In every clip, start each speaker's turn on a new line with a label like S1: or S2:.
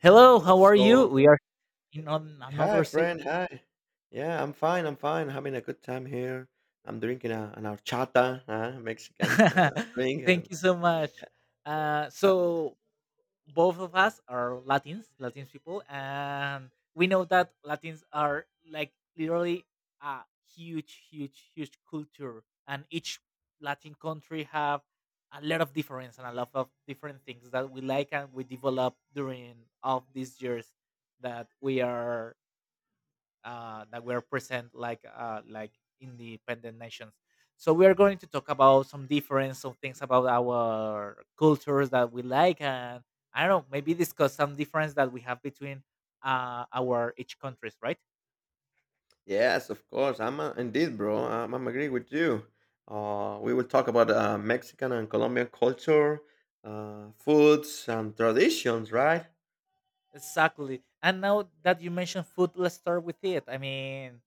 S1: Hello, how are you?
S2: So,
S1: We are in on
S2: hi
S1: another se-
S2: friend, hi. Yeah, I'm fine. I'm fine. Having a good time here. I'm drinking a, an horchata, Mexican drink,
S1: Thank
S2: and
S1: you so
S2: yeah.
S1: much.
S2: Yeah.
S1: So both of us are Latins people, and we know that Latins are like literally a huge, huge, huge culture, and each Latin country have a lot of difference and a lot of different things that we like and we develop during of these years that we are that were present like independent nations. So we are going to talk about some difference, some things about our cultures that we like, and I don't know, maybe discuss some difference that we have between our each countries, right?
S2: Yes, of course. I'm indeed, bro. I'm agree with you. We will talk about Mexican and Colombian culture, foods, and traditions, right?
S1: Exactly. And now that you mentioned food, let's start with it. I mean,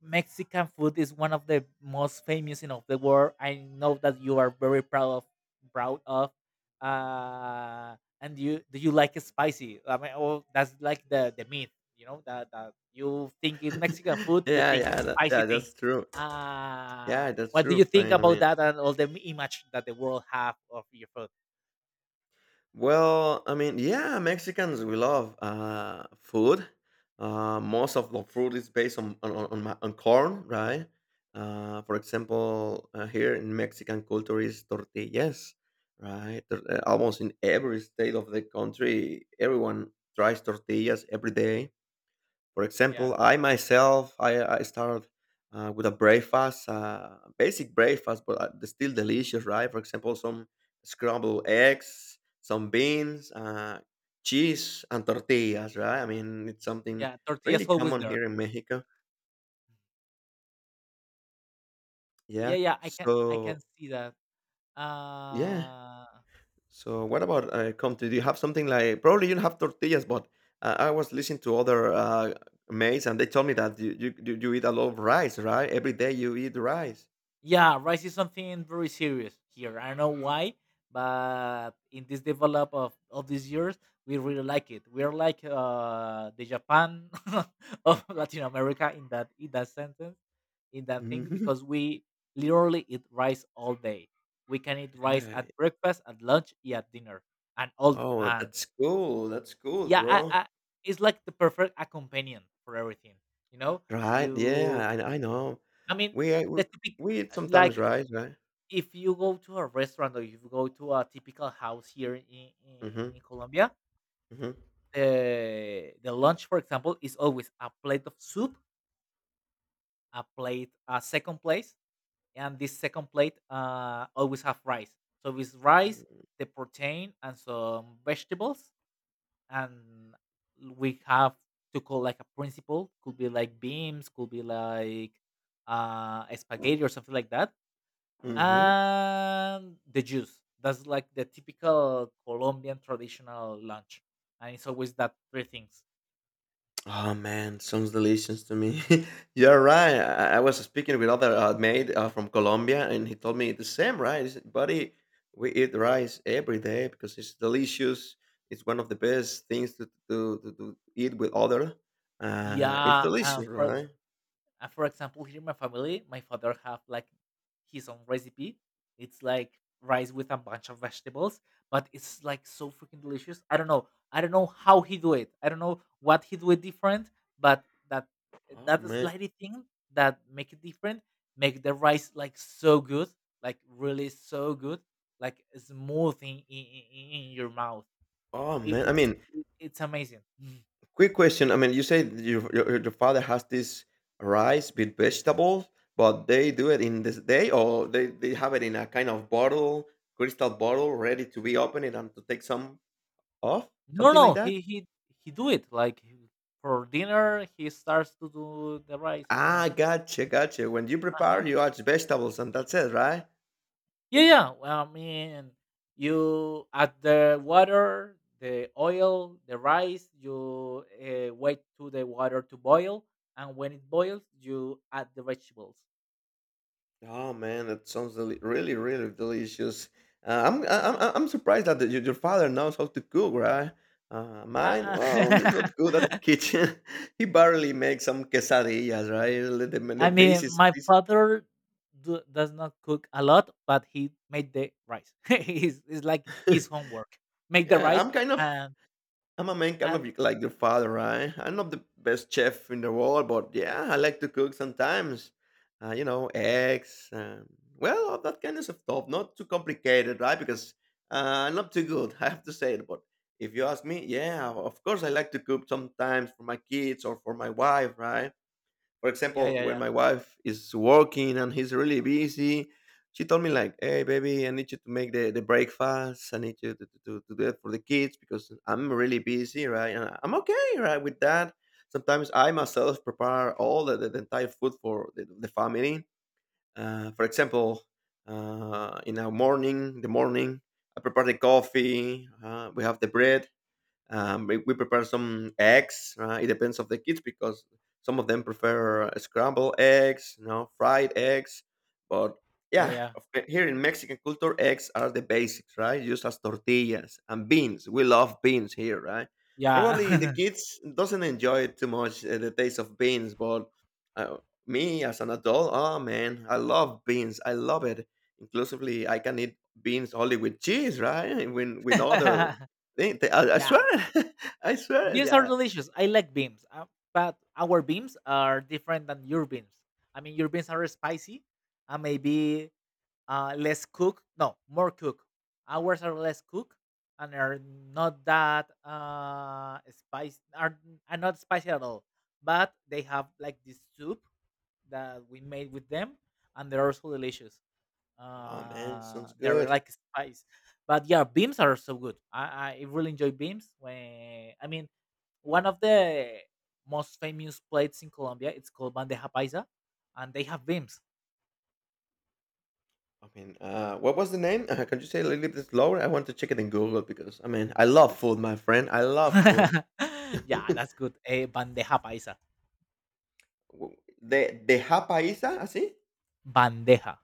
S1: Mexican food is one of the most famous in of the world. I know that you are very proud of proud of. Uh, and you do you like it spicy? I mean, oh, that's like the myth, that you think in Mexican food, you
S2: Yeah,
S1: think in
S2: yeah, that,
S1: spicy
S2: yeah. That's
S1: things.
S2: true. Yeah, that's
S1: What do
S2: true,
S1: you think
S2: friend. I
S1: about
S2: mean.
S1: that and all the image that the world have of your food?
S2: Well, I mean, yeah, Mexicans we love food. Most of the food is based on on corn, right? For example, here in Mexican culture is tortillas, right? Almost in every state of the country, everyone tries tortillas every day. For
S1: Yeah,
S2: example, I myself, I started with a breakfast, basic breakfast, but still delicious, right? For example, some scrambled eggs, some beans, cheese, and tortillas, right? I mean, it's something
S1: yeah, tortillas
S2: really
S1: always
S2: common
S1: there.
S2: here in Mexico.
S1: Yeah,
S2: Yeah.
S1: yeah, I can
S2: So,
S1: see that.
S2: yeah.
S1: Uh
S2: So, what about Comte? Do you have something like, probably you don't have tortillas, but I was listening to other mates and they told me that you eat a lot of rice, right? Every day you eat rice.
S1: Yeah, rice is something very serious here. I don't know why, but in this develop of these years, we really like it. We are like the Japan of Latin America in that sentence, in that thing,
S2: Mhm.
S1: because we literally eat rice all day. We can eat rice
S2: Right.
S1: at breakfast, at lunch, yeah, at dinner,
S2: Oh,
S1: and
S2: that's cool,
S1: yeah,
S2: bro.
S1: it's like the perfect companion for everything. You know.
S2: Right, yeah,
S1: You.
S2: I know.
S1: I mean,
S2: We ate
S1: the
S2: w
S1: typical
S2: we eat sometimes
S1: like
S2: rice, right?
S1: if you go to a restaurant or if you go to a typical house here in, in,
S2: Mhm,
S1: in Colombia,
S2: mhm,
S1: the lunch, for example, is always a plate of soup, a plate, a second plate, and this second plate always have rice. So it's rice, the protein, and some vegetables, and we have to call like a principal. Could be like beans, could be like spaghetti or something like that
S2: mm, mhm.
S1: and the juice. That's like the typical Colombian traditional lunch, and it's always that three things.
S2: Oh, man, sounds delicious to me. You're right, I was speaking with other, mate, from Colombia, and he told me the same, right? "Buddy, we eat rice every day because it's delicious. It's one of the best things to eat with other. It's
S1: Yeah, and
S2: delicious, right?"
S1: For example, here in my family, my father have like his own recipe. It's like rice with a bunch of vegetables, but it's like so freaking delicious. I don't know. I don't know how he do it. I don't know what he do it different, but that
S2: Oh,
S1: that
S2: man.
S1: slightly thing that make it different make the rice like so good, like really so good, like smooth in your mouth.
S2: Oh man,
S1: It,
S2: I
S1: it's
S2: mean,
S1: it's amazing. Mm.
S2: quick question. I mean, you say that your father has this rice with vegetables, but they do it in this day, or they have it in a kind of bottle, crystal bottle, ready to be opened and to take some off,
S1: No,
S2: something like
S1: no,
S2: that.
S1: he do it like for dinner he starts to do the rice
S2: Ah,
S1: and
S2: gotcha, gotcha. When you
S1: uh-huh.
S2: prepare, you add vegetables, and that's it, right?
S1: Yeah, yeah. Well, I mean, you add the water, the oil, the rice. You wait to the water to boil, and when it boils, you add the vegetables.
S2: Oh man, that sounds deli- really, really delicious. I'm,
S1: Yeah,
S2: I-
S1: yeah.
S2: I'm surprised that your father knows how to cook, right? Mine,
S1: Uh,
S2: well, he's not good at the
S1: uh.
S2: kitchen. He barely makes some quesadillas, right? The, the,
S1: I
S2: the,
S1: mean,
S2: easiest-
S1: my
S2: easy-
S1: father does not cook a lot, but he made the rice. He's it's like his homework. Make the
S2: yeah,
S1: rice.
S2: I'm kind of I'm a man kind
S1: Uh,
S2: of like your father, right? I'm not the best chef in the world, but yeah, I like to cook sometimes. You know, eggs, and, well, all that kind of stuff. Not too complicated, right? Because I'm not too good, I have to say it. But if you ask me, yeah, of course I like to cook sometimes for my kids or for my wife, right? For
S1: yeah,
S2: example,
S1: yeah,
S2: when
S1: yeah.
S2: my wife is working and he's really busy, she told me like, "Hey, baby, I need you to make the breakfast. I need you to do it for the kids because I'm really busy, right?" And I'm okay, right, with that. Sometimes I myself prepare all the entire food for the family. For example, in our morning, the morning, I prepare the coffee. We have the bread. We prepare some eggs. It depends of the kids because some of them prefer scrambled eggs, you know, fried eggs. But
S1: Yeah,
S2: yeah,
S1: yeah.
S2: here in Mexican culture, eggs are the basics, right? Used as tortillas and beans. We love beans here, right?
S1: Yeah.
S2: Probably the kids doesn't enjoy it too much the taste of beans, but uh, me as an adult, oh man, I love beans. I love it. Inclusively, I can eat beans only with cheese, right? When with other they I
S1: Yeah.
S2: swear it. I swear it,
S1: Beans are
S2: yeah.
S1: delicious. I like beans. But our beans are different than your beans. I mean, your beans are spicy and maybe less cooked. No, more cooked. Ours are less cooked and are not that spicy. Are not spicy at all. But they have like this soup that we made with them and they're also delicious.
S2: Oh man, sounds
S1: They're
S2: good.
S1: like spice, but yeah, beams are so good. I really enjoy beams. When I mean, one of the most famous plates in Colombia, it's called bandeja paisa, and they have beams.
S2: I mean, what was the name? Can you say a little bit slower? I want to check it in Google because, I mean, I love food, my friend. I love food.
S1: Yeah, that's good. A bandeja paisa.
S2: W- De, deja paisa, así?
S1: bandeja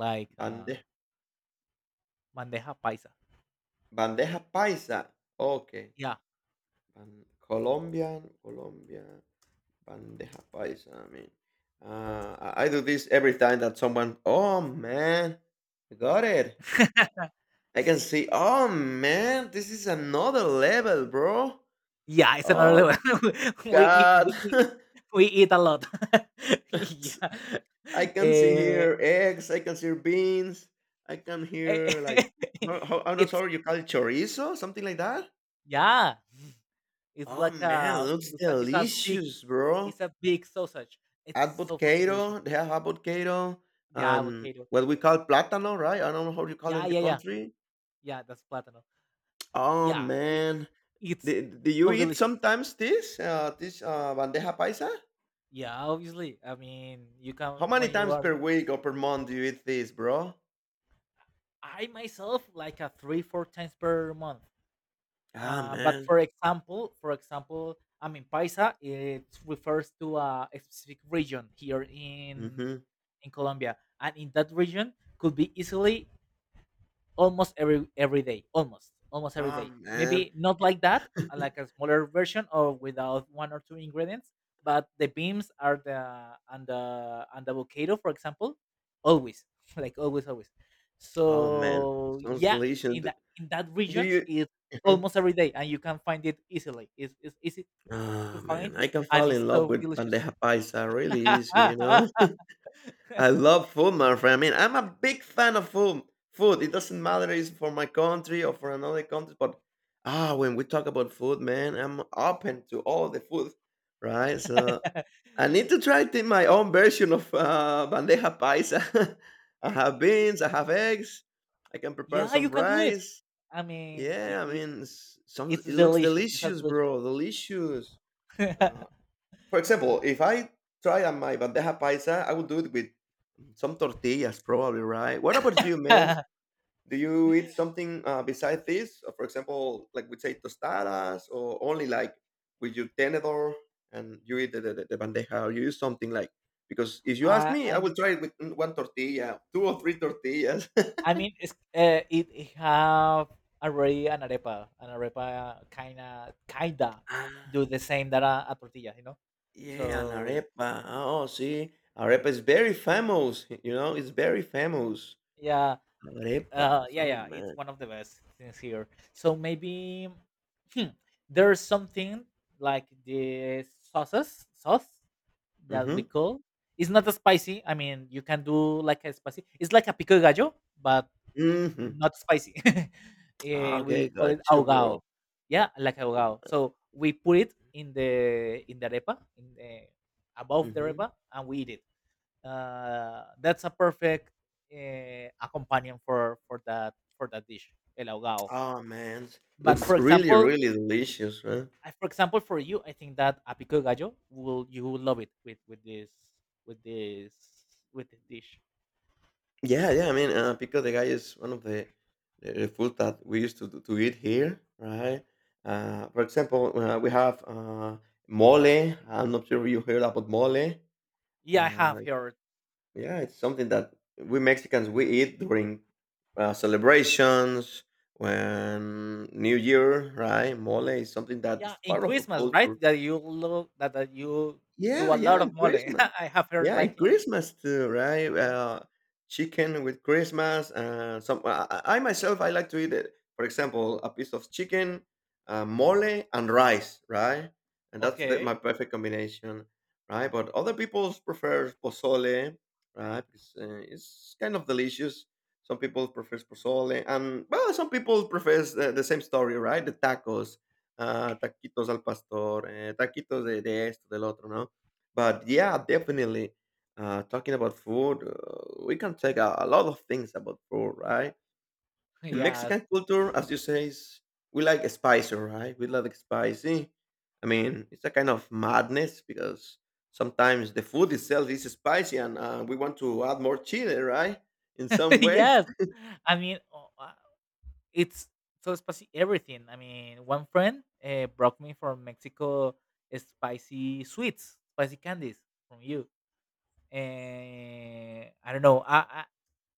S1: like uh
S2: Bande,
S1: Bandeja paisa.
S2: bandeja paisa. Okay.
S1: Yeah.
S2: Ban- Colombian, Colombia, bandeja paisa. I mean, I do this every time that someone, oh man, I got it. I can see oh, man, this is another level, bro.
S1: Yeah, it's another
S2: Oh,
S1: level. we eat,
S2: god.
S1: we eat, we eat a lot. Yeah.
S2: I can see
S1: Eh,
S2: here eggs, I can see beans, I can hear, like, ho ho I'm not
S1: it's
S2: sure you call it chorizo, something like that?
S1: Yeah. It's
S2: Oh,
S1: like
S2: man,
S1: a
S2: looks
S1: it's a
S2: delicious, bro.
S1: it's a big sausage. It's so fucking delicious.
S2: Avocado, they have avocado
S1: Yeah,
S2: and
S1: avocado.
S2: what we call plátano, right? I don't know how you call it
S1: Yeah,
S2: in your
S1: yeah, yeah.
S2: country.
S1: Yeah, that's plátano.
S2: Oh,
S1: Yeah, I
S2: man.
S1: it's
S2: Do do you
S1: so
S2: eat
S1: delicious.
S2: sometimes this, bandeja paisa?
S1: Yeah, obviously. I mean, you can
S2: How many
S1: when you
S2: times
S1: are
S2: per week or per month do you eat this, bro?
S1: I myself like a 3 4 times per month.
S2: Ah,
S1: But
S2: man.
S1: for example, I mean, paisa it refers to a specific region here in
S2: Mm-hmm.
S1: in Colombia, and in that region could be easily almost every day, almost every
S2: Ah,
S1: day,
S2: man.
S1: maybe not like that, like a smaller version or without one or two ingredients, but the beans are the and the and the avocado for example always, like always always.
S2: Oh, man.
S1: So
S2: Sounds
S1: yeah,
S2: delicious. Do,
S1: in that
S2: do
S1: region
S2: you?
S1: it's
S2: Mhm.
S1: almost every day and you can find it easily. It's easy to
S2: Ah,
S1: find,
S2: man. I can
S1: and
S2: fall
S1: it's
S2: in love
S1: so
S2: with
S1: delicious.
S2: bandeja paisa really easy, you know? I love food, my friend. I mean, I'm a big fan of food. Food. It doesn't matter if it's for my country or for another country, but ah, when we talk about food, man, I'm open to all the food, right? So I need to try to in my own version of bandeja paisa. I have beans, I have eggs, I can prepare
S1: Yeah, you
S2: some
S1: can do it.
S2: rice.
S1: I mean,
S2: Yeah, I mean, some
S1: it's
S2: it looks
S1: delicious. It's a
S2: delicious,
S1: delicious.
S2: bro, delicious. Uh, for example, if I try on my bandeja paisa, I would do it with some tortillas, probably, right? What about you, man? Do you eat something besides this? For example, like we say tostadas, or only like with your tenedor and you eat the bandeja, or you use something like because if you ask
S1: I
S2: me, I
S1: I'm
S2: will try it with mm, one tortilla, two or three tortillas.
S1: I mean, it's, it have already an arepa, kinda do
S2: Ah,
S1: the same that a tortilla, you know.
S2: yeah, an
S1: So
S2: arepa. Oh, see, arepa is very famous. You know, it's very famous.
S1: yeah,
S2: Arepas.
S1: yeah,
S2: Oh
S1: yeah. It's
S2: man.
S1: one of the best things here. So maybe hmm, there's something like the sauce that we
S2: Mm-hmm.
S1: call. It's not a spicy. I mean, you can do like a spicy. It's like a pico de gallo, but
S2: Mm-hmm.
S1: not spicy. We
S2: Okay,
S1: call it
S2: gotcha, bro.
S1: ahogado. Yeah, like ahogado. So we put it in the arepa, above the
S2: Mm-hmm.
S1: arepa, and we eat it. That's a perfect accompaniment for that dish, el ahogado.
S2: Oh man,
S1: But for
S2: looks really,
S1: example,
S2: really delicious, right?
S1: for example, for you, I think that a pico de gallo will you will love it with this with this dish.
S2: Yeah, yeah. I mean, pico de gallo is one of the food that we used to to eat here, right? For example, we have mole. I'm not sure you heard about mole.
S1: Yeah, I have
S2: Uh,
S1: heard.
S2: yeah, it's something that we Mexicans we eat during celebrations, when New Year, right? Mole is something that
S1: Yeah,
S2: is
S1: in
S2: part of a
S1: Christmas, right?
S2: culture.
S1: That you love that you do
S2: Yeah,
S1: a
S2: yeah,
S1: lot of
S2: and
S1: mole.
S2: Christmas.
S1: I have heard,
S2: Yeah,
S1: like.
S2: and
S1: In
S2: Christmas too, right? Chicken with Christmas. Some well, I myself I like to eat it. For example, a piece of chicken, mole, and rice, right? And that's the,
S1: Okay.
S2: my perfect combination, right? But other people prefer pozole, right? Because it's kind of delicious. Some people prefer pozole, and well, some people prefer the same story, right? The tacos taquitos al pastor, eh, taquitos de de esto, del otro, ¿no? But yeah, definitely, talking about food, we can take a lot of things about food, right? In
S1: Yes.
S2: Mexican culture, as you say, is, we like spicy, right? We like spicy. I mean, it's a kind of madness because sometimes the food itself is spicy and we want to add more chili, right? In some way.
S1: Yes. I mean, oh, it's so spicy everything. I mean, one friend brought me from Mexico spicy sweets, spicy candies from you, and I don't know.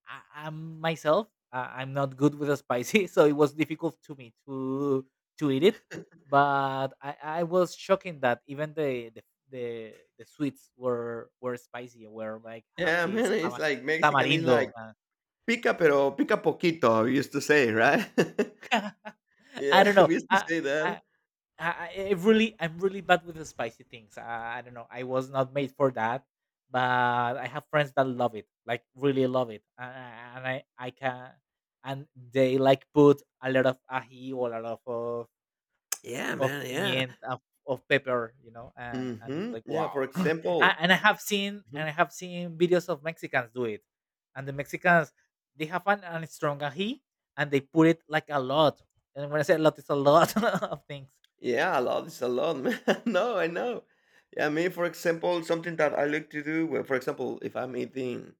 S1: I, I'm myself. I'm not good with the spicy, so it was difficult to me to eat it. But I was shocking that even the the sweets were spicy. Were like have
S2: Yeah,
S1: this
S2: man, it's
S1: tama-
S2: like Mexican is like
S1: tamarindo.
S2: pica pero pica poquito, I used to say, right?
S1: uh, I
S2: Yeah,
S1: don't know.
S2: we used to say that.
S1: I I'm really bad with the spicy things. I don't know. I was not made for that, but I have friends that love it, like really love it, and I can, and they like put a lot of ají or a lot of
S2: Yeah,
S1: of
S2: man, yeah.
S1: pimienta of pepper, and it's
S2: Mhm.
S1: like
S2: Yeah,
S1: wow.
S2: for example.
S1: And I have seen
S2: Mhm.
S1: and I have seen videos of Mexicans do it, and the Mexicans they have an strong ají and they put it like a lot. And when I say a lot, it's a lot of things.
S2: Yeah, a lot. It's a lot, man. No, I know. Yeah, me, for example, something that I like to do, well, for example, if I'm eating,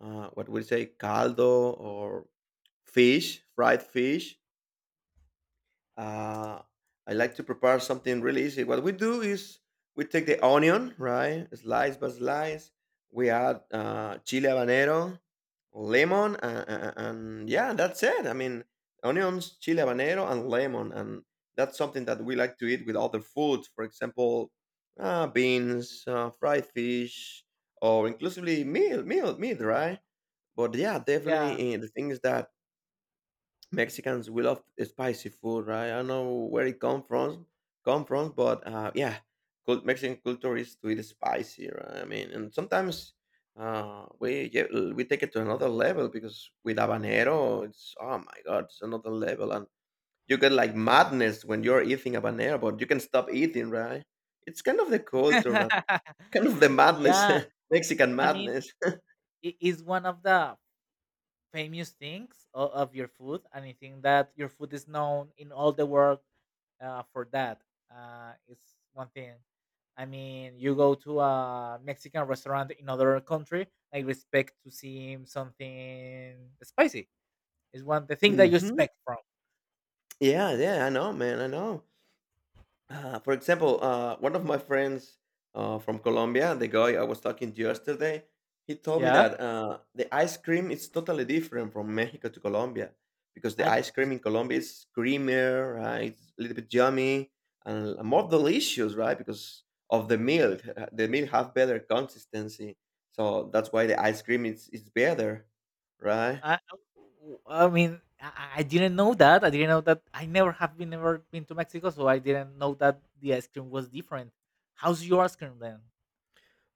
S2: what would you say, caldo or fish, fried fish, Uh, I like to prepare something really easy. What we do is we take the onion, right, slice by slice. We add chile habanero, lemon, and yeah, that's it. I mean, onions, chile habanero, and lemon, and that's something that we like to eat with other foods. For example, beans, fried fish, or inclusively meat, right? But yeah,
S1: Yeah.
S2: definitely the thing is that Mexicans we love spicy food, right? I don't know where it come from, but yeah, Mexican culture is to eat spicy, right? I mean, and sometimes we take it to another level because with habanero, it's oh my god, it's another level, and you get like madness when you're eating habanero, but you can stop eating, right? It's kind of the culture that kind of the madness,
S1: Yeah,
S2: Mexican
S1: I mean,
S2: madness.
S1: it is one of the famous things of your food, and I think that your food is known in all the world for that. It's one thing. I mean, you go to a Mexican restaurant in other country, I expect to see something spicy. It's one the thing that you
S2: Hmm.
S1: expect from.
S2: Yeah, yeah, I know, man, I know. One of my friends from Colombia, the guy I was talking to yesterday, he told me
S1: Yeah,
S2: that the ice cream is totally different from Mexico to Colombia because the
S1: and
S2: ice cream in Colombia is creamier, right? It's a little bit yummy and more delicious, right? Because of the milk have better consistency, so that's why the ice cream is better, right?
S1: I I mean, I didn't know that. I didn't know that. I never have been never been to Mexico, so I didn't know that the ice cream was different. How's your ice cream then?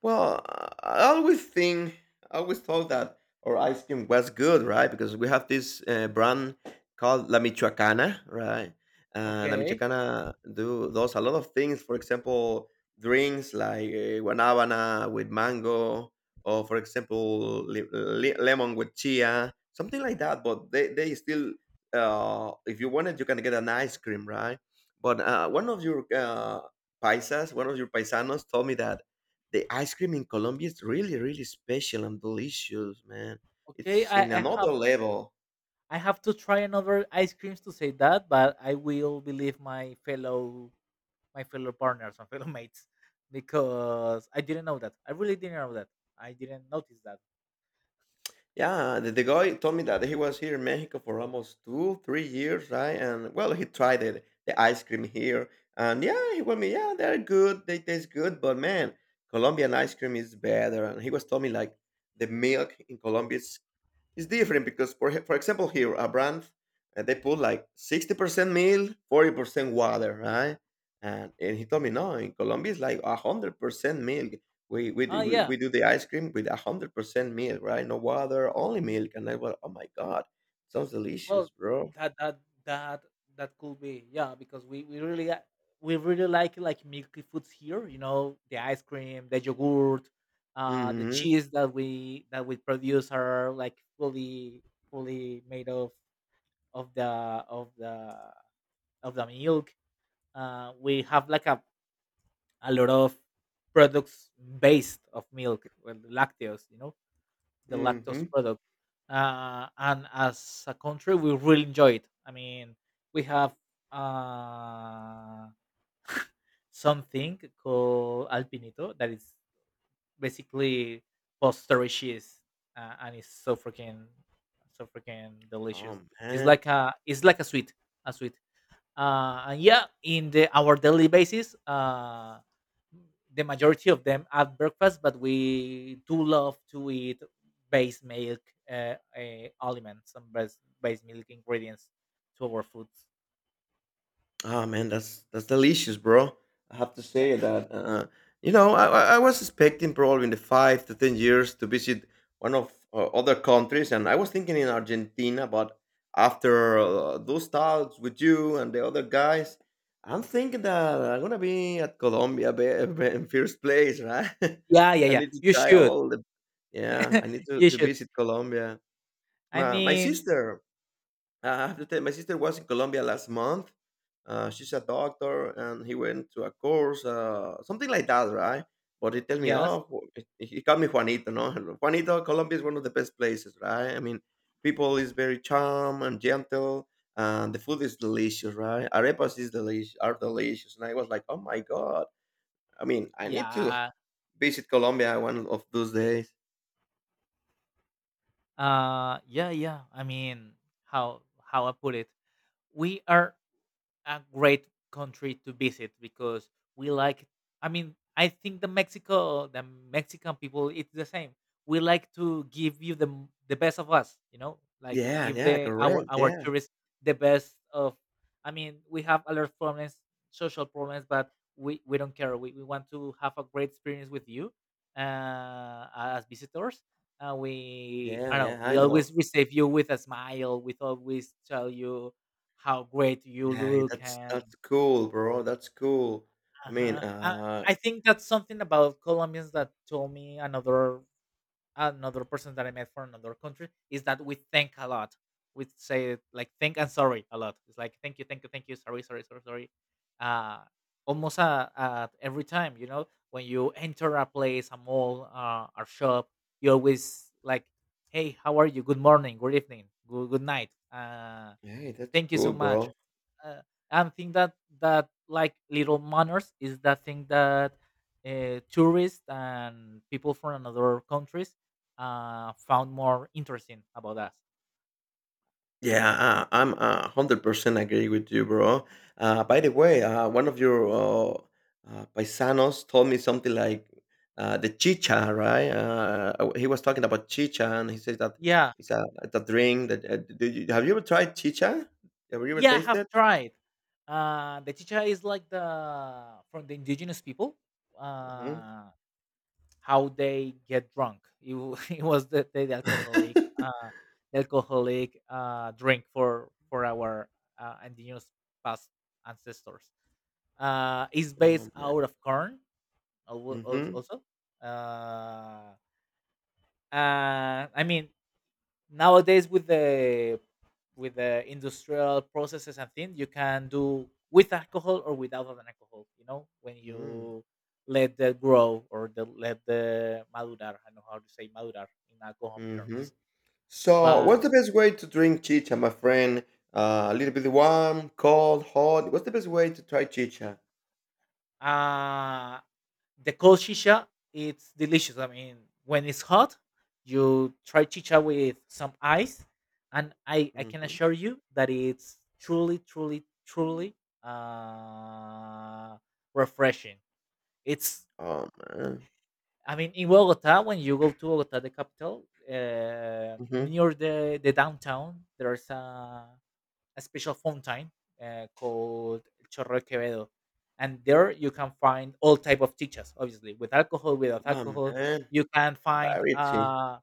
S2: Well, I always think, I always thought that our ice cream was good, right? Because we have this brand called La Michoacana, right? La
S1: Okay,
S2: Michoacana do does a lot of things. For example, drinks like guanábana with mango, or for example, lemon with chia, something like that. But they still, if you want it, you can get an ice cream, right? But one of your paisanos told me that the ice cream in Colombia is really, really special and delicious, man.
S1: okay.
S2: It's in another level.
S1: I have to try another ice creams to say that, but I will believe my fellow partners, my fellow mates, because I didn't know that. I really didn't know that. I didn't notice that.
S2: Yeah, the guy told me that he was here in Mexico for almost two, 3 years, right? And well, he tried it, the ice cream here. And yeah, he told me, yeah, they're good, they taste good, but man, Colombian ice cream is better. And he was telling me like the milk in Colombia is it's different, because for example, here a brand, they put like 60% milk, 40% water, right? And he told me no, in Colombia it's like 100% milk. we, we
S1: Ah,
S2: do- we
S1: yeah.
S2: we do the ice cream with 100% milk, right? No water, only milk. And I was, oh my god, sounds
S1: Well,
S2: delicious, bro.
S1: that that that that could be, yeah, because we really like milky foods here. You know, the ice cream, the yogurt, the
S2: Mm-hmm.
S1: cheese that we produce are like fully made of the of the of the milk. We have like a lot of products based of milk, well, lactose. You know the lactose
S2: Mm-hmm.
S1: product. And as a country, we really enjoy it. I mean, we have uh, something called alpinito that is basically posterior cheese, and it's so freaking delicious.
S2: Oh man.
S1: It's like a sweet, a sweet, and yeah, in the our daily basis, the majority of them at breakfast, but we do love to eat base milk aliments and base milk ingredients to our foods.
S2: Oh man, that's delicious, bro. I have to
S1: Yeah,
S2: say that. I was expecting probably in the 5 to 10 years to visit one of other countries, and I was thinking in Argentina. But after those talks with you and the other guys, I'm thinking that I'm gonna be at Colombia in first place, right?
S1: yeah, yeah,
S2: I
S1: yeah.
S2: need to
S1: You
S2: try
S1: should.
S2: all the. Yeah, I need to,
S1: You
S2: to
S1: should.
S2: visit Colombia.
S1: I
S2: My
S1: mean,
S2: sister, I have to tell, my sister was in Colombia last month. She's a doctor, and he went to a course, something like that, right? But he tell me,
S1: yes,
S2: oh, he called me Juanito, no? Juanito, Colombia is one of the best places, right? I mean, people is very charm and gentle, and the food is delicious, right? Arepas are delicious, and I was like, oh my god. I mean, I need to
S1: yeah,
S2: visit Colombia one of those days.
S1: yeah, yeah. I mean, how I put it, we are a great country to visit because we like, I mean, I think the mexico the mexican people it's the same. We like to give you the the best of us, you know, like
S2: Yeah,
S1: give
S2: yeah,
S1: the
S2: correct.
S1: our
S2: Yeah,
S1: tourists the best of, I mean, we have a lot of problems, social problems, but we don't care. We want to have a great experience with you uh as visitors. We,
S2: yeah,
S1: I don't know,
S2: yeah.
S1: we
S2: I
S1: always
S2: know.
S1: receive you with a smile, we always tell you how great you
S2: Yeah,
S1: look.
S2: that's
S1: And
S2: that's cool, bro. That's cool. I mean,
S1: uh-huh. I think that's something about Colombians that told me, another another person that I met from another country, is that we thank a lot. We say like thank and sorry a lot. It's like thank you, thank you, thank you, sorry, sorry, sorry, sorry. Uh Almost every time, you know, when you enter a place, a mall, or shop, you always like, hey, how are you? Good morning, good evening, good night.
S2: hey, that's
S1: Thank you so
S2: cool,
S1: much.
S2: bro.
S1: uh, and think that like little manners is the thing that tourists and people from another countries found more interesting about us.
S2: Yeah, I'm a 100% agree with you, bro. By the way, one of your paisanos told me something like the chicha, right? He was talking about chicha, and he says that
S1: Yeah,
S2: it's a drink that. Have you ever tried chicha? Have you ever
S1: yeah, I have
S2: tasted?
S1: tried. The chicha is like the, from the indigenous people.
S2: Hmm.
S1: Uh, how they get drunk. It was the alcoholic drink for our indigenous past ancestors. Uh, is
S2: Oh
S1: based
S2: man.
S1: out of corn,
S2: Mm-hmm.
S1: also. Uh and I mean, nowadays with the, with the industrial processes and things, you can do with alcohol or without an alcohol, you know, when you let the grow, or the let the madurar, I don't know how to say madurar in alcohol
S2: Mm-hmm.
S1: terms.
S2: So,
S1: But
S2: what's the best way to drink chicha, my friend? A little bit warm, cold, hot. What's the best way to try chicha?
S1: uh the cold chicha, it's delicious. I mean, when it's hot, you try chicha with some ice, and I can
S2: Hmm.
S1: assure you that it's truly, truly, truly uh, refreshing. It's,
S2: Oh man.
S1: I mean, in Bogota, when you go to Bogota, the capital,
S2: Hmm.
S1: near the downtown, there's a special fountain called Chorro Quevedo, and there you can find all type of teachers, obviously, with alcohol, without
S2: Oh
S1: alcohol.
S2: man.
S1: You can find
S2: Variety.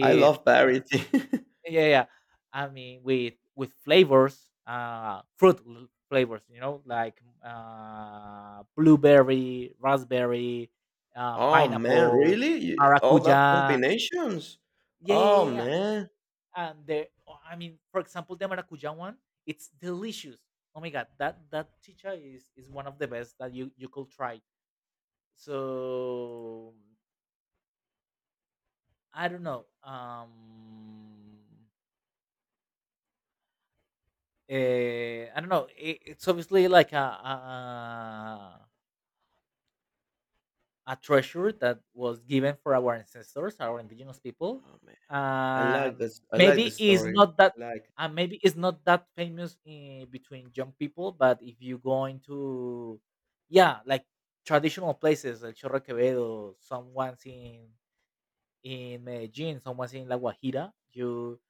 S2: I love
S1: with
S2: variety.
S1: yeah, yeah, yeah. I mean with flavors, fruit flavors, you know, like blueberry, raspberry,
S2: Oh man,
S1: pineapple,
S2: really? All that
S1: maracuja.
S2: combinations?
S1: Yeah, yeah,
S2: Oh
S1: yeah, yeah.
S2: man.
S1: And the, I mean, for example, the maracuja one, it's delicious. Oh my god, that that chicha is one of the best that you could try. So I don't know. I don't know. It, it's obviously like a a treasure that was given for our ancestors, our indigenous people.
S2: Oh man. I like
S1: And
S2: this. I like the
S1: maybe it's
S2: story.
S1: not that,
S2: Like.
S1: and maybe it's not that famous in, between young people. But if you go into, yeah, like traditional places, El Chorro de Quevedo, someone's in Medellin, someone's in La Guajira, you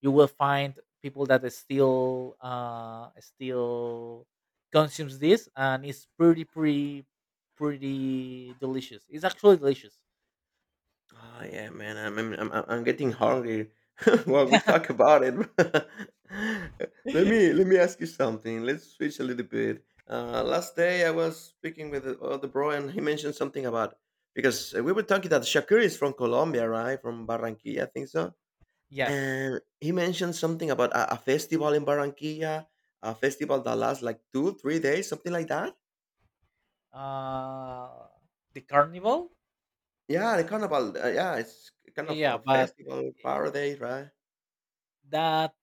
S1: you will find people that is still still consumes this, and it's pretty, pretty, pretty delicious. It's actually delicious.
S2: Oh, yeah, man. I'm getting hungry while we talk about it. Let me ask you something. Let's switch a little bit. Last day I was speaking with the other bro, and he mentioned something about, because we were talking that Shakur is from Colombia, right? From Barranquilla, I think so.
S1: Yes.
S2: And he mentioned something about a festival in Barranquilla, a festival that lasts like two, 3 days, something like that.
S1: uh the carnival.
S2: Yeah, the carnival. Yeah, it's kind
S1: Yeah,
S2: of
S1: yeah,
S2: a
S1: but
S2: festival paradise, right?
S1: that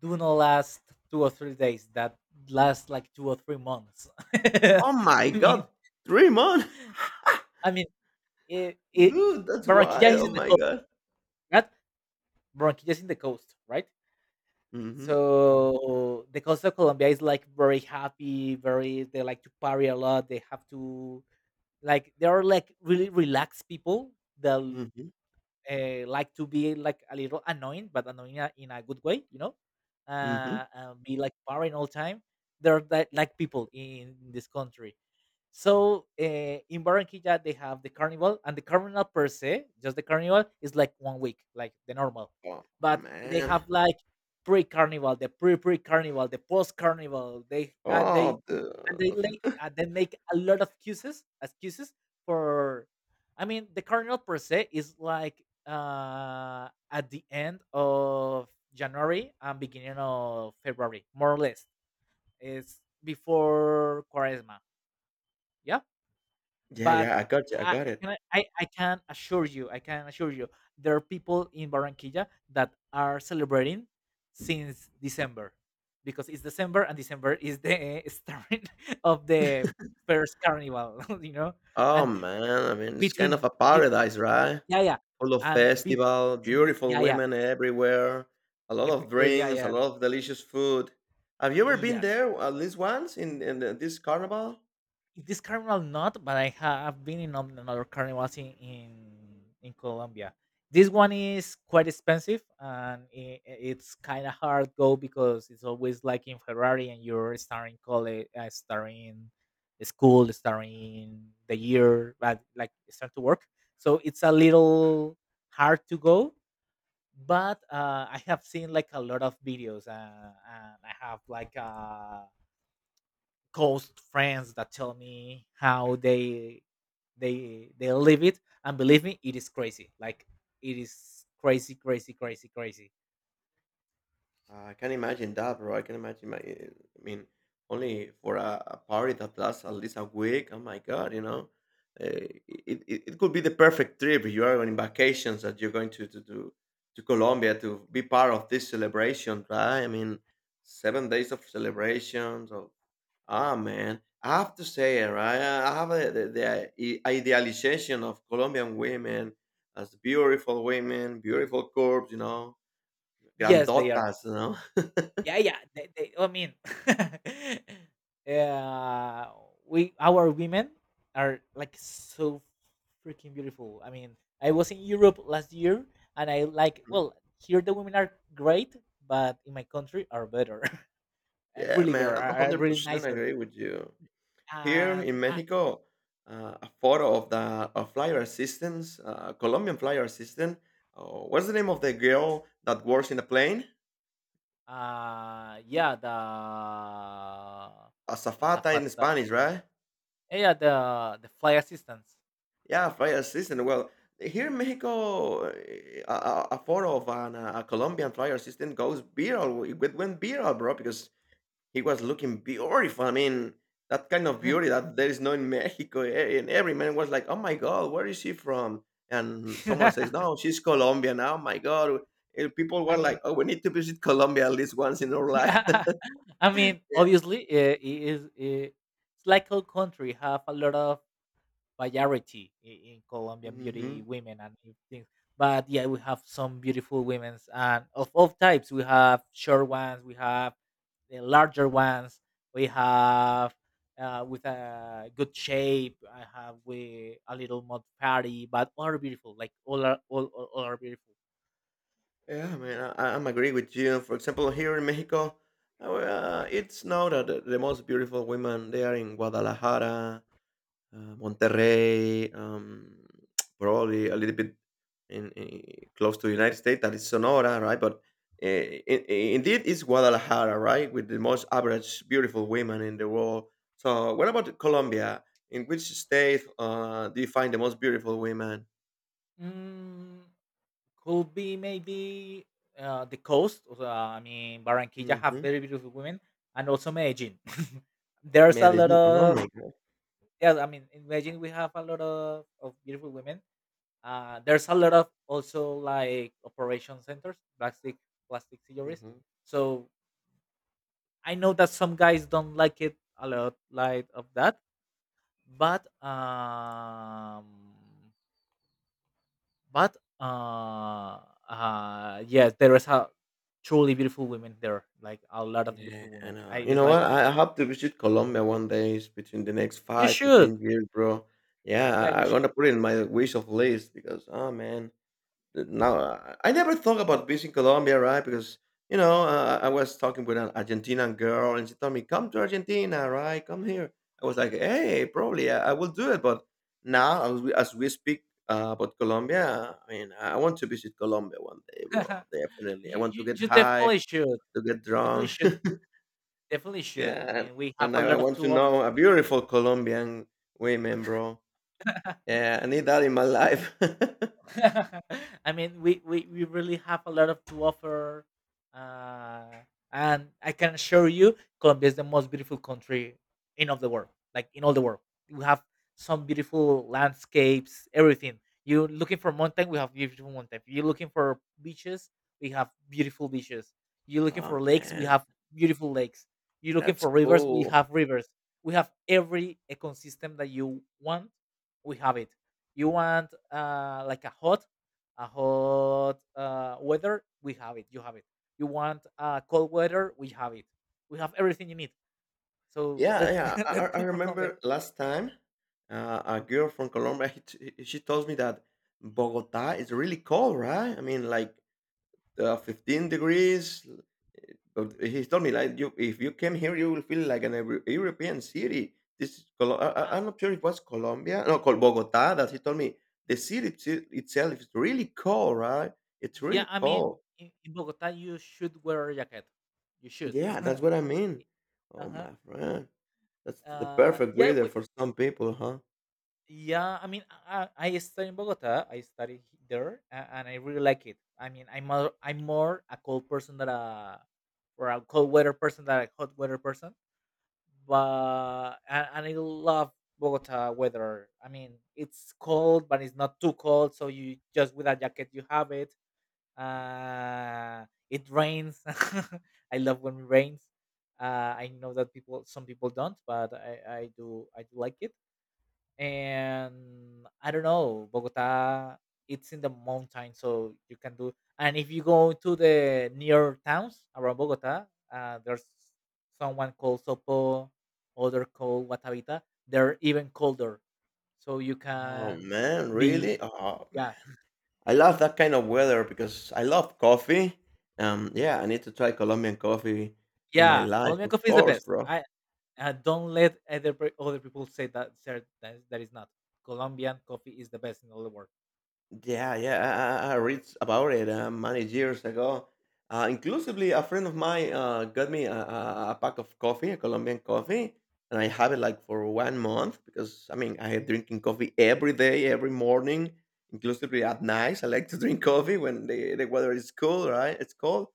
S1: do not last 2 or 3 days, that lasts like 2 or 3 months. i
S2: Oh my
S1: mean
S2: god, 3 months?
S1: I mean it, it
S2: Dude, that's
S1: Barranquilla
S2: wild,
S1: is in
S2: oh
S1: the
S2: my
S1: coast,
S2: god.
S1: right? Barranquilla is in the coast, right?
S2: Mhm.
S1: So the coast of Colombia is like very happy, very, they like to party a lot. They have to, like, they are like really relaxed people that
S2: Mhm.
S1: like to be like a little annoying, but annoying in a good way, you know.
S2: Mhm.
S1: Be like partying all time. They're that like people in this country. So in Barranquilla they have the carnival, and the carnival per se, just the carnival, is like 1 week, like the normal.
S2: Oh,
S1: But they
S2: man.
S1: have like pre-carnival, the pre-pre-carnival, the post-carnival. They
S2: Oh, dude.
S1: and they like, they make a lot of excuses, excuses for. I mean, the carnival per se is like at the end of January and beginning of February, more or less. It's before Quaresma. Yeah,
S2: Yeah,
S1: but
S2: yeah, I got you, I
S1: I
S2: got
S1: I
S2: it.
S1: can I I can assure you, I can assure you, there are people in Barranquilla that are celebrating since December, because it's December, and December is the start of the first carnival, you know?
S2: Oh,
S1: And
S2: man, I mean, it's kind
S1: between
S2: of a
S1: bit
S2: paradise, right?
S1: Yeah, yeah.
S2: Full of
S1: And bit
S2: festival, beautiful
S1: yeah, yeah.
S2: women everywhere, a lot
S1: If,
S2: of
S1: yeah,
S2: drinks, a
S1: yeah.
S2: lot of delicious food. Have you ever been
S1: Yes.
S2: there at least once in this carnival?
S1: In this carnival not, but I have been in another carnivals in Colombia. This one is quite expensive, and it's kind of hard go because it's always like in Ferrari and you're starting college, starting school, starting the year, but like start to work. So it's a little hard to go. But I have seen like a lot of videos, and I have like a close friends that tell me how they live it, and believe me, it is crazy, like it is crazy, crazy, crazy, crazy.
S2: I can imagine that, bro. I can imagine I mean, only for a party that lasts at least a week. Oh my God, uh, it, it could be the perfect trip. You are on vacations that you're going to Colombia to be part of this celebration, right? I mean, 7 days of celebrations. Ah, man, I have to say, right? I have a, the I- idealization of Colombian women as beautiful women, beautiful curves,
S1: Yes, they are.
S2: grandotas, you know?
S1: Yeah, yeah, they, I mean, uh, we, our women are like so freaking beautiful. I mean, I was in europe last year, and I like,
S2: Mhm.
S1: well, here the women are great, but in my country are better.
S2: Yeah,
S1: Really
S2: man,
S1: better,
S2: I'm
S1: are really
S2: 100%
S1: nicer.
S2: agree with you. Here
S1: And
S2: in
S1: I,
S2: Mexico, a photo of the of flyer assistants, Colombian flyer assistant. Uh, what's the name of the girl that works in the plane?
S1: Yeah, the
S2: Azafata in
S1: azafata.
S2: Spanish, right?
S1: Eh, yeah, the flight assistants.
S2: Yeah, flyer assistant. Well, here in Mexico, a photo of a Colombian flyer assistant goes viral. It went viral, bro, because he was looking beautiful. I mean, that kind of beauty that there is no in Mexico. And every man was like, "Oh my God, where is she from?" And someone says, "No, she's Colombian." Oh my God, and people
S1: I
S2: were
S1: mean,
S2: like, "Oh, we need to visit Colombia at least once in our life."
S1: I mean,
S2: Yeah.
S1: obviously, it is. It's like our country have a lot of variety in Colombian beauty
S2: Hmm.
S1: women and things. But yeah, we have some beautiful women and of all types. We have short ones, we have the larger ones, we have with a good shape, I have with a little more fatty, but all are beautiful. Like all are, all are beautiful.
S2: Yeah, man, I'm agree with you. For example, here in Mexico, it's not that the most beautiful women. They are in Guadalajara, Monterrey, probably a little bit in close to the United States, that is Sonora, right? But uh, in, indeed, it's Guadalajara, right, with the most average beautiful women in the world. So, what about Colombia? In which state do you find the most beautiful women?
S1: Mm, could be maybe the coast. I mean, Barranquilla have
S2: Hmm.
S1: very beautiful women, and also Medellin. There's a lot
S2: Medellin. Oh
S1: of.
S2: my
S1: Yes, I mean, in Beijing we have a lot of beautiful women. There's a lot of also like operation centers, plastic surgeries.
S2: god.
S1: So I know that some guys don't like it a lot, like of that. But but uh, yes, there is a truly beautiful women there, like a lot of
S2: Yeah,
S1: beautiful women.
S2: and
S1: I,
S2: you
S1: it's
S2: know
S1: like,
S2: what? I hope to visit Colombia one day. It's between the next
S1: you
S2: five to ten
S1: should,
S2: years, bro. Yeah,
S1: yeah,
S2: I, I'm gonna
S1: you
S2: put it
S1: should,
S2: in my wish of list, because oh man, now I never thought about visiting Colombia, right? Because I was talking with an Argentinian girl and she told me, come to Argentina, right? Come here. I was like, hey, probably I will do it, but now as we speak about Colombia, I mean, I want to visit Colombia one day, bro. Definitely, I want to get
S1: you
S2: high,
S1: definitely should,
S2: to get
S1: definitely
S2: drunk.
S1: should, definitely should. I
S2: Yeah, and,
S1: mean, we have
S2: and
S1: a
S2: I
S1: lot of
S2: want to
S1: tools.
S2: know a beautiful Colombian women, bro. Yeah, I need that in my life.
S1: I mean, we really have a lot of to offer. Uh, and I can assure you, Colombia is the most beautiful country in of the world, like in all the world. We have some beautiful landscapes, everything. You're looking for mountain, we have beautiful mountain. You're looking for beaches, we have beautiful beaches. You're looking
S2: Oh
S1: for lakes, we
S2: man,
S1: have beautiful lakes. You're looking
S2: that's
S1: for
S2: cool.
S1: rivers. We have every ecosystem that you want, we have it. You want like a hot weather, we have it, you have it. You want cold weather, we have it. We have everything you need. So
S2: Yeah,
S1: let's
S2: yeah. I, I
S1: let's
S2: I
S1: go for
S2: remember
S1: Colombia.
S2: last time a girl from Colombia. She told me that Bogota is really cold, right? I mean, like 15 degrees. But he told me like you, if you came here, you will feel like an European city. This is
S1: uh, uh,
S2: I'm not sure it was Colombia, no, Bogota. That he told me the city itself is really cold, right? It's
S1: yeah,
S2: really
S1: I mean,
S2: cold.
S1: in Bogota you should wear a jacket, you should.
S2: Yeah, that's what I mean. Oh
S1: Uh-huh.
S2: my friend, that's the
S1: uh
S2: perfect
S1: yeah
S2: weather
S1: we,
S2: for some people, huh?
S1: Yeah, I mean, I study in Bogota. I study there, and I really like it. I mean, I'm more a cold person than a, or a cold weather person than a hot weather person. But and I love Bogota weather. I mean, it's cold, but it's not too cold. So you just with a jacket, you have it. It rains. I love when it rains. I know that people, some people don't, but I do like it. And I don't know, Bogota, it's in the mountain, so you can do. And if you go to the near towns around Bogota, there's someone called Sopo, other called Guatavita. They're even colder, so you
S2: Oh
S1: can
S2: man,
S1: be.
S2: really? Oh,
S1: Yeah,
S2: I love that kind of weather because I love coffee. Yeah, I need to try Colombian coffee in my
S1: yeah.
S2: life,
S1: Colombian
S2: of
S1: coffee is the
S2: course,
S1: best.
S2: bro.
S1: I, don't let other people say that sir, that, that is not. Colombian coffee is the best in all the world.
S2: Yeah, yeah, I read about it many years ago. Inclusively, a friend of mine got me a pack of coffee, a Colombian coffee, and I have it like for one month, because I mean I am drinking coffee every day, every morning, inclusively at night. I like to drink coffee when the weather is cool, right? It's cold.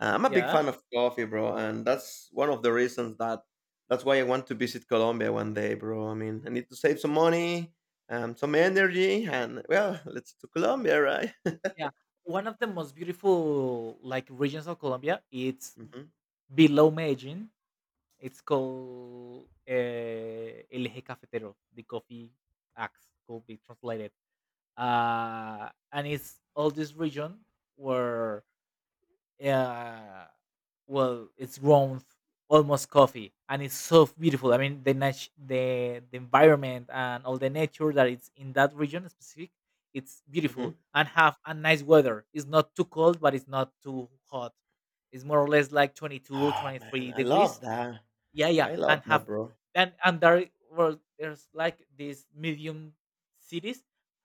S2: I'm a big
S1: Yeah.
S2: fan of coffee, bro, and that's one of the reasons that's why I want to visit Colombia one day, bro. I mean, I need to save some money, some energy, and well, let's to Colombia, right?
S1: Yeah, one of the most beautiful like regions of Colombia. It's
S2: Hmm.
S1: below Medellin. It's called El Eje Cafetero, the coffee axe could be translated. And it's all this region where, uh, well, it's grown almost coffee, and it's so beautiful. I mean, the the environment and all the nature that it's in that region specific, it's beautiful,
S2: Hmm.
S1: and have a nice weather. It's not too cold, but it's not too hot. It's more or less like 22
S2: Oh man,
S1: 23
S2: I love
S1: degrees.
S2: that.
S1: Yeah, yeah,
S2: I
S1: and
S2: love
S1: have,
S2: that, bro.
S1: and there were, there's like these medium cities,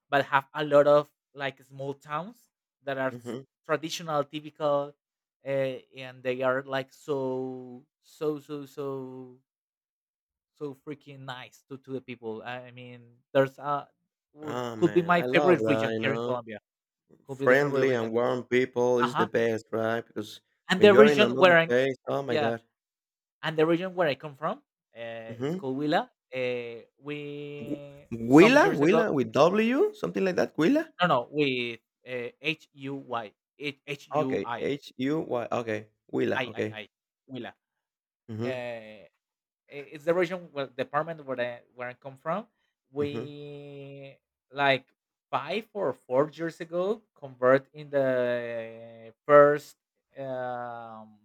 S1: but have a lot of like small towns that are
S2: Hmm.
S1: traditional, typical, uh, and they are like so, so, so, so, so freaking nice to the people. I mean, there's a
S2: Oh
S1: could be
S2: man,
S1: my
S2: I love
S1: favorite
S2: that.
S1: region
S2: You
S1: here in
S2: know,
S1: Colombia, could be the favorite
S2: friendly and
S1: region.
S2: warm people is
S1: Uh-huh.
S2: the best, right? Because
S1: and
S2: when
S1: the
S2: you are in
S1: region where
S2: another
S1: I'm
S2: place, oh my
S1: Yeah.
S2: god.
S1: And the region where I come from, it's
S2: Mm-hmm.
S1: called Huila. We some
S2: Huila,
S1: years ago,
S2: Huila with W, something like that. Huila.
S1: no, no, with, H-U-Y, H U
S2: Okay,
S1: I,
S2: H-U-Y, okay, Willa.
S1: I I
S2: Okay.
S1: I, Huila.
S2: Mhm.
S1: Uh, it's the region, well, department where I come from.
S2: Mhm.
S1: We, like, 5 or 4 years ago convert in the first um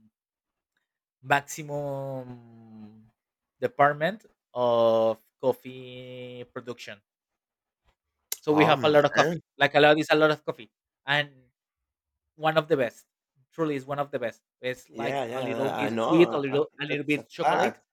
S1: maximum department of coffee production. So we
S2: Aw,
S1: have a lot of coffee.
S2: man.
S1: Like a lot is a lot of coffee, and one of the best. Truly, is one of the best. It's like
S2: Yeah,
S1: a
S2: yeah,
S1: little
S2: I
S1: bit
S2: know,
S1: sweet, a little
S2: that's a
S1: bit chocolate.
S2: fact.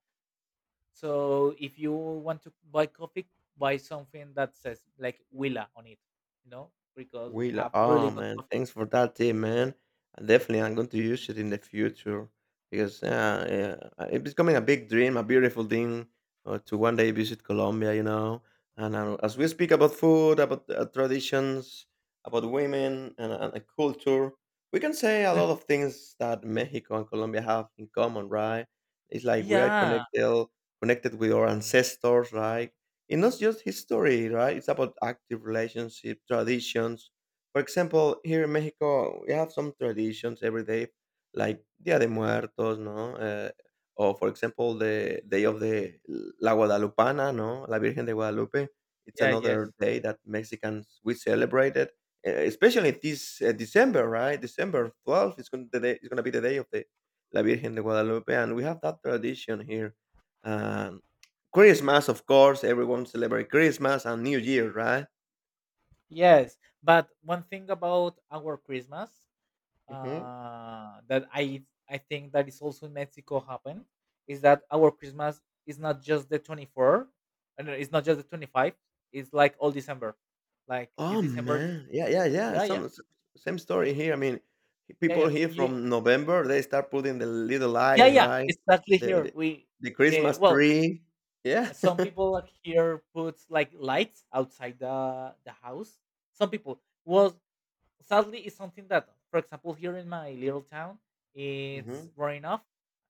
S1: So if you want to buy coffee, buy something that says like Willa on it. You know, because we
S2: Will,
S1: have really
S2: ah
S1: good
S2: man,
S1: coffee.
S2: thanks for that tip, man. And definitely, I'm going to use it in the future, because yeah, it's becoming a big dream, a beautiful dream, to one day visit Colombia. And as we speak about food, about traditions, about women, and culture, we can say a lot of things that Mexico and Colombia have in common, right? It's like we are
S1: Yeah.
S2: connected with our ancestors, right? It's not just history, right? It's about active relationship, traditions for example, here in Mexico, we have some traditions every day, like Dia de Muertos, ¿no? Or for example, the day of the La Guadalupana, ¿no? La Virgen de Guadalupe. It's
S1: Yeah.
S2: another
S1: Yes.
S2: day that Mexicans we celebrate it, especially this December, right? December 12th is going to be the day of the La Virgen de Guadalupe, and we have that tradition here. Um, Christmas, of course, everyone celebrate Christmas and New Year, right?
S1: Yes. But one thing about our Christmas,
S2: Hmm.
S1: that I think that is also in Mexico happen, is that our Christmas is not just the 24, and it's not just the 25. It's like all December, like the
S2: Oh,
S1: December.
S2: man. Yeah, yeah, yeah.
S1: Yeah, yeah,
S2: Same story here. I mean,
S1: yeah,
S2: people
S1: yeah.
S2: here from November, they start putting the little
S1: Yeah,
S2: lights,
S1: yeah.
S2: right?
S1: Exactly.
S2: The
S1: Here
S2: the,
S1: we,
S2: the Christmas
S1: well,
S2: tree. Yeah.
S1: some people like here put like lights outside the house. Some people was, sadly, it's something that, for example, here in my little town, it's growing off.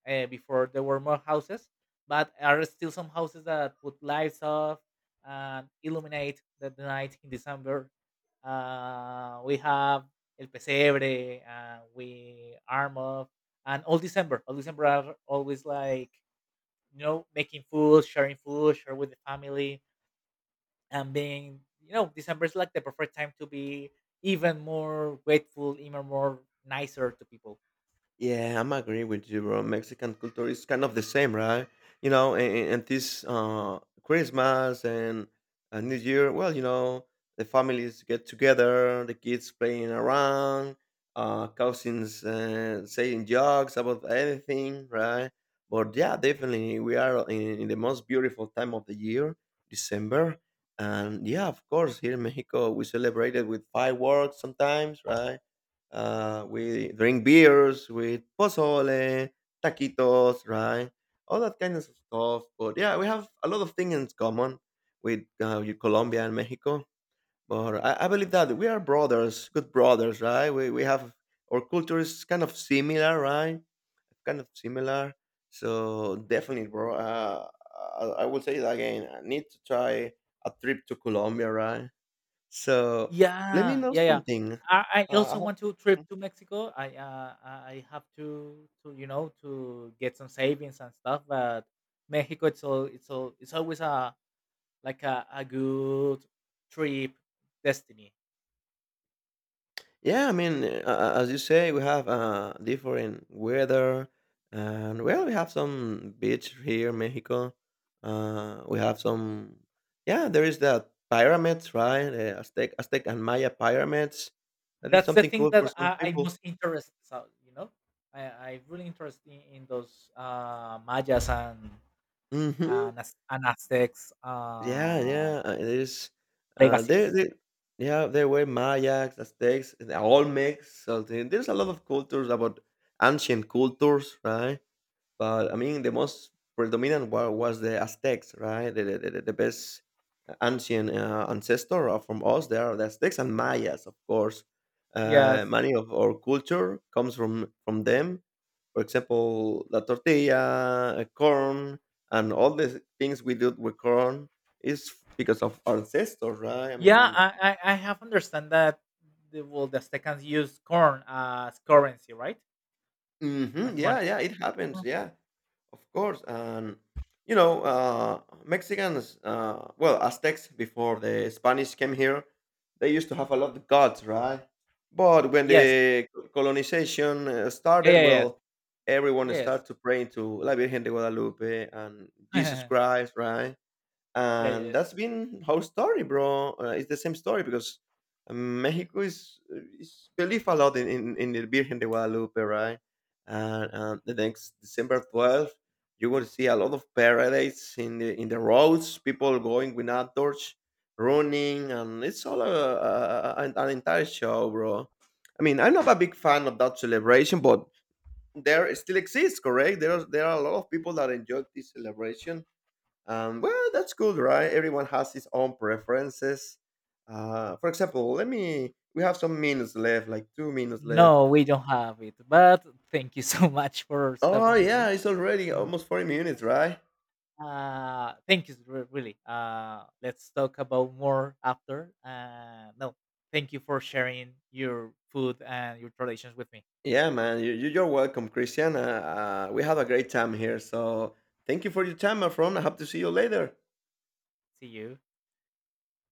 S1: Before there were more houses, but are still some houses that put lights off, and illuminate the night in december. Uh, we have el pesebre and we arm up, and all december, all december are always like, you know, making food, sharing food, share with the family, and being, you know, december is like the perfect time to be even more grateful, even more nicer to people.
S2: Yeah, I'm agree with you, bro. Mexican culture is kind of the same, right? You know, and this Christmas and New Year, well, you know, the families get together, the kids playing around, cousins saying jokes about anything, right? But yeah, definitely, we are in the most beautiful time of the year, December. And yeah, of course, here in Mexico, we celebrate it with fireworks sometimes, right? We drink beers with pozole, taquitos, right? All that kind of stuff. But yeah, we have a lot of things in common with Colombia and Mexico. But I believe that we are brothers, good brothers, right? We have our culture is kind of similar, right? Kind of similar. So definitely, bro. I will say that again. I need to try a trip to Colombia, right? So let me
S1: Yeah,
S2: know
S1: yeah, yeah.
S2: something.
S1: I
S2: Uh, I
S1: also want to trip
S2: have-
S1: to mexico. I, I have to, you know, to get some savings and stuff, but mexico it's all, it's all, it's always a like a good trip destiny.
S2: yeah, I mean, as you say, we have different weather, and well, we have some beach here in Mexico. Uh, we have some, yeah, there is the pyramids, right? The Aztec and Maya pyramids. That is
S1: That's the
S2: something
S1: thing
S2: cool for
S1: that
S2: some
S1: I
S2: people.
S1: most interested, so, you know, I really interested in those mayas
S2: Hmm.
S1: and as and Aztec's
S2: Yeah, yeah, it is, there
S1: legacies.
S2: there yeah, there were Mayas, Aztecs, and Olmecs, so there's a lot of cultures about ancient cultures, right? But I mean, the most predominant was the Aztecs, right? The best ancient ancestor from us. They are the Aztecs and Mayas, of course.
S1: Yes.
S2: Many of our culture comes from them. For example, la tortilla, corn, and all the things we do with corn is because of our ancestors, right? I mean,
S1: I have understand that well the Aztecans use corn as currency, right? As
S2: mhm.
S1: money.
S2: Yeah, yeah, it
S1: Mhm.
S2: happens. Yeah, of course. And you know, Mexicans, well, Aztecs before the Spanish came here, they used to have a lot of gods, right? But when
S1: Yes.
S2: the colonization
S1: Yeah,
S2: started,
S1: yeah, yes.
S2: well, everyone
S1: Yes.
S2: started to pray to La Virgen de Guadalupe and Jesus Christ, right?
S1: Yeah,
S2: And
S1: yes.
S2: that's been our story, bro. It's the same story because Mexico is believe a lot in in the Virgen de Guadalupe, right? And the next December 12th, you will see a lot of paradise in the roads. People going with outdoors, running, and it's all an an entire show, bro. I mean, I'm not a big fan of that celebration, but there still exists, correct? There are a lot of people that enjoy this celebration. Well, that's good, right? Everyone has his own preferences. For example, let me. We have some minutes left, like 2 minutes left.
S1: No, we don't have it. But thank you so much for
S2: Oh
S1: stopping with
S2: yeah,
S1: me.
S2: it's already
S1: Mm.
S2: almost 40 minutes, right?
S1: Uh, thank you really. Uh, let's talk about more after. Uh, no, thank you for sharing your food and your traditions with me.
S2: Yeah, man. You're welcome, Christian. We had a great time here, so thank you for your time, my friend. I hope to see you later.
S1: See you.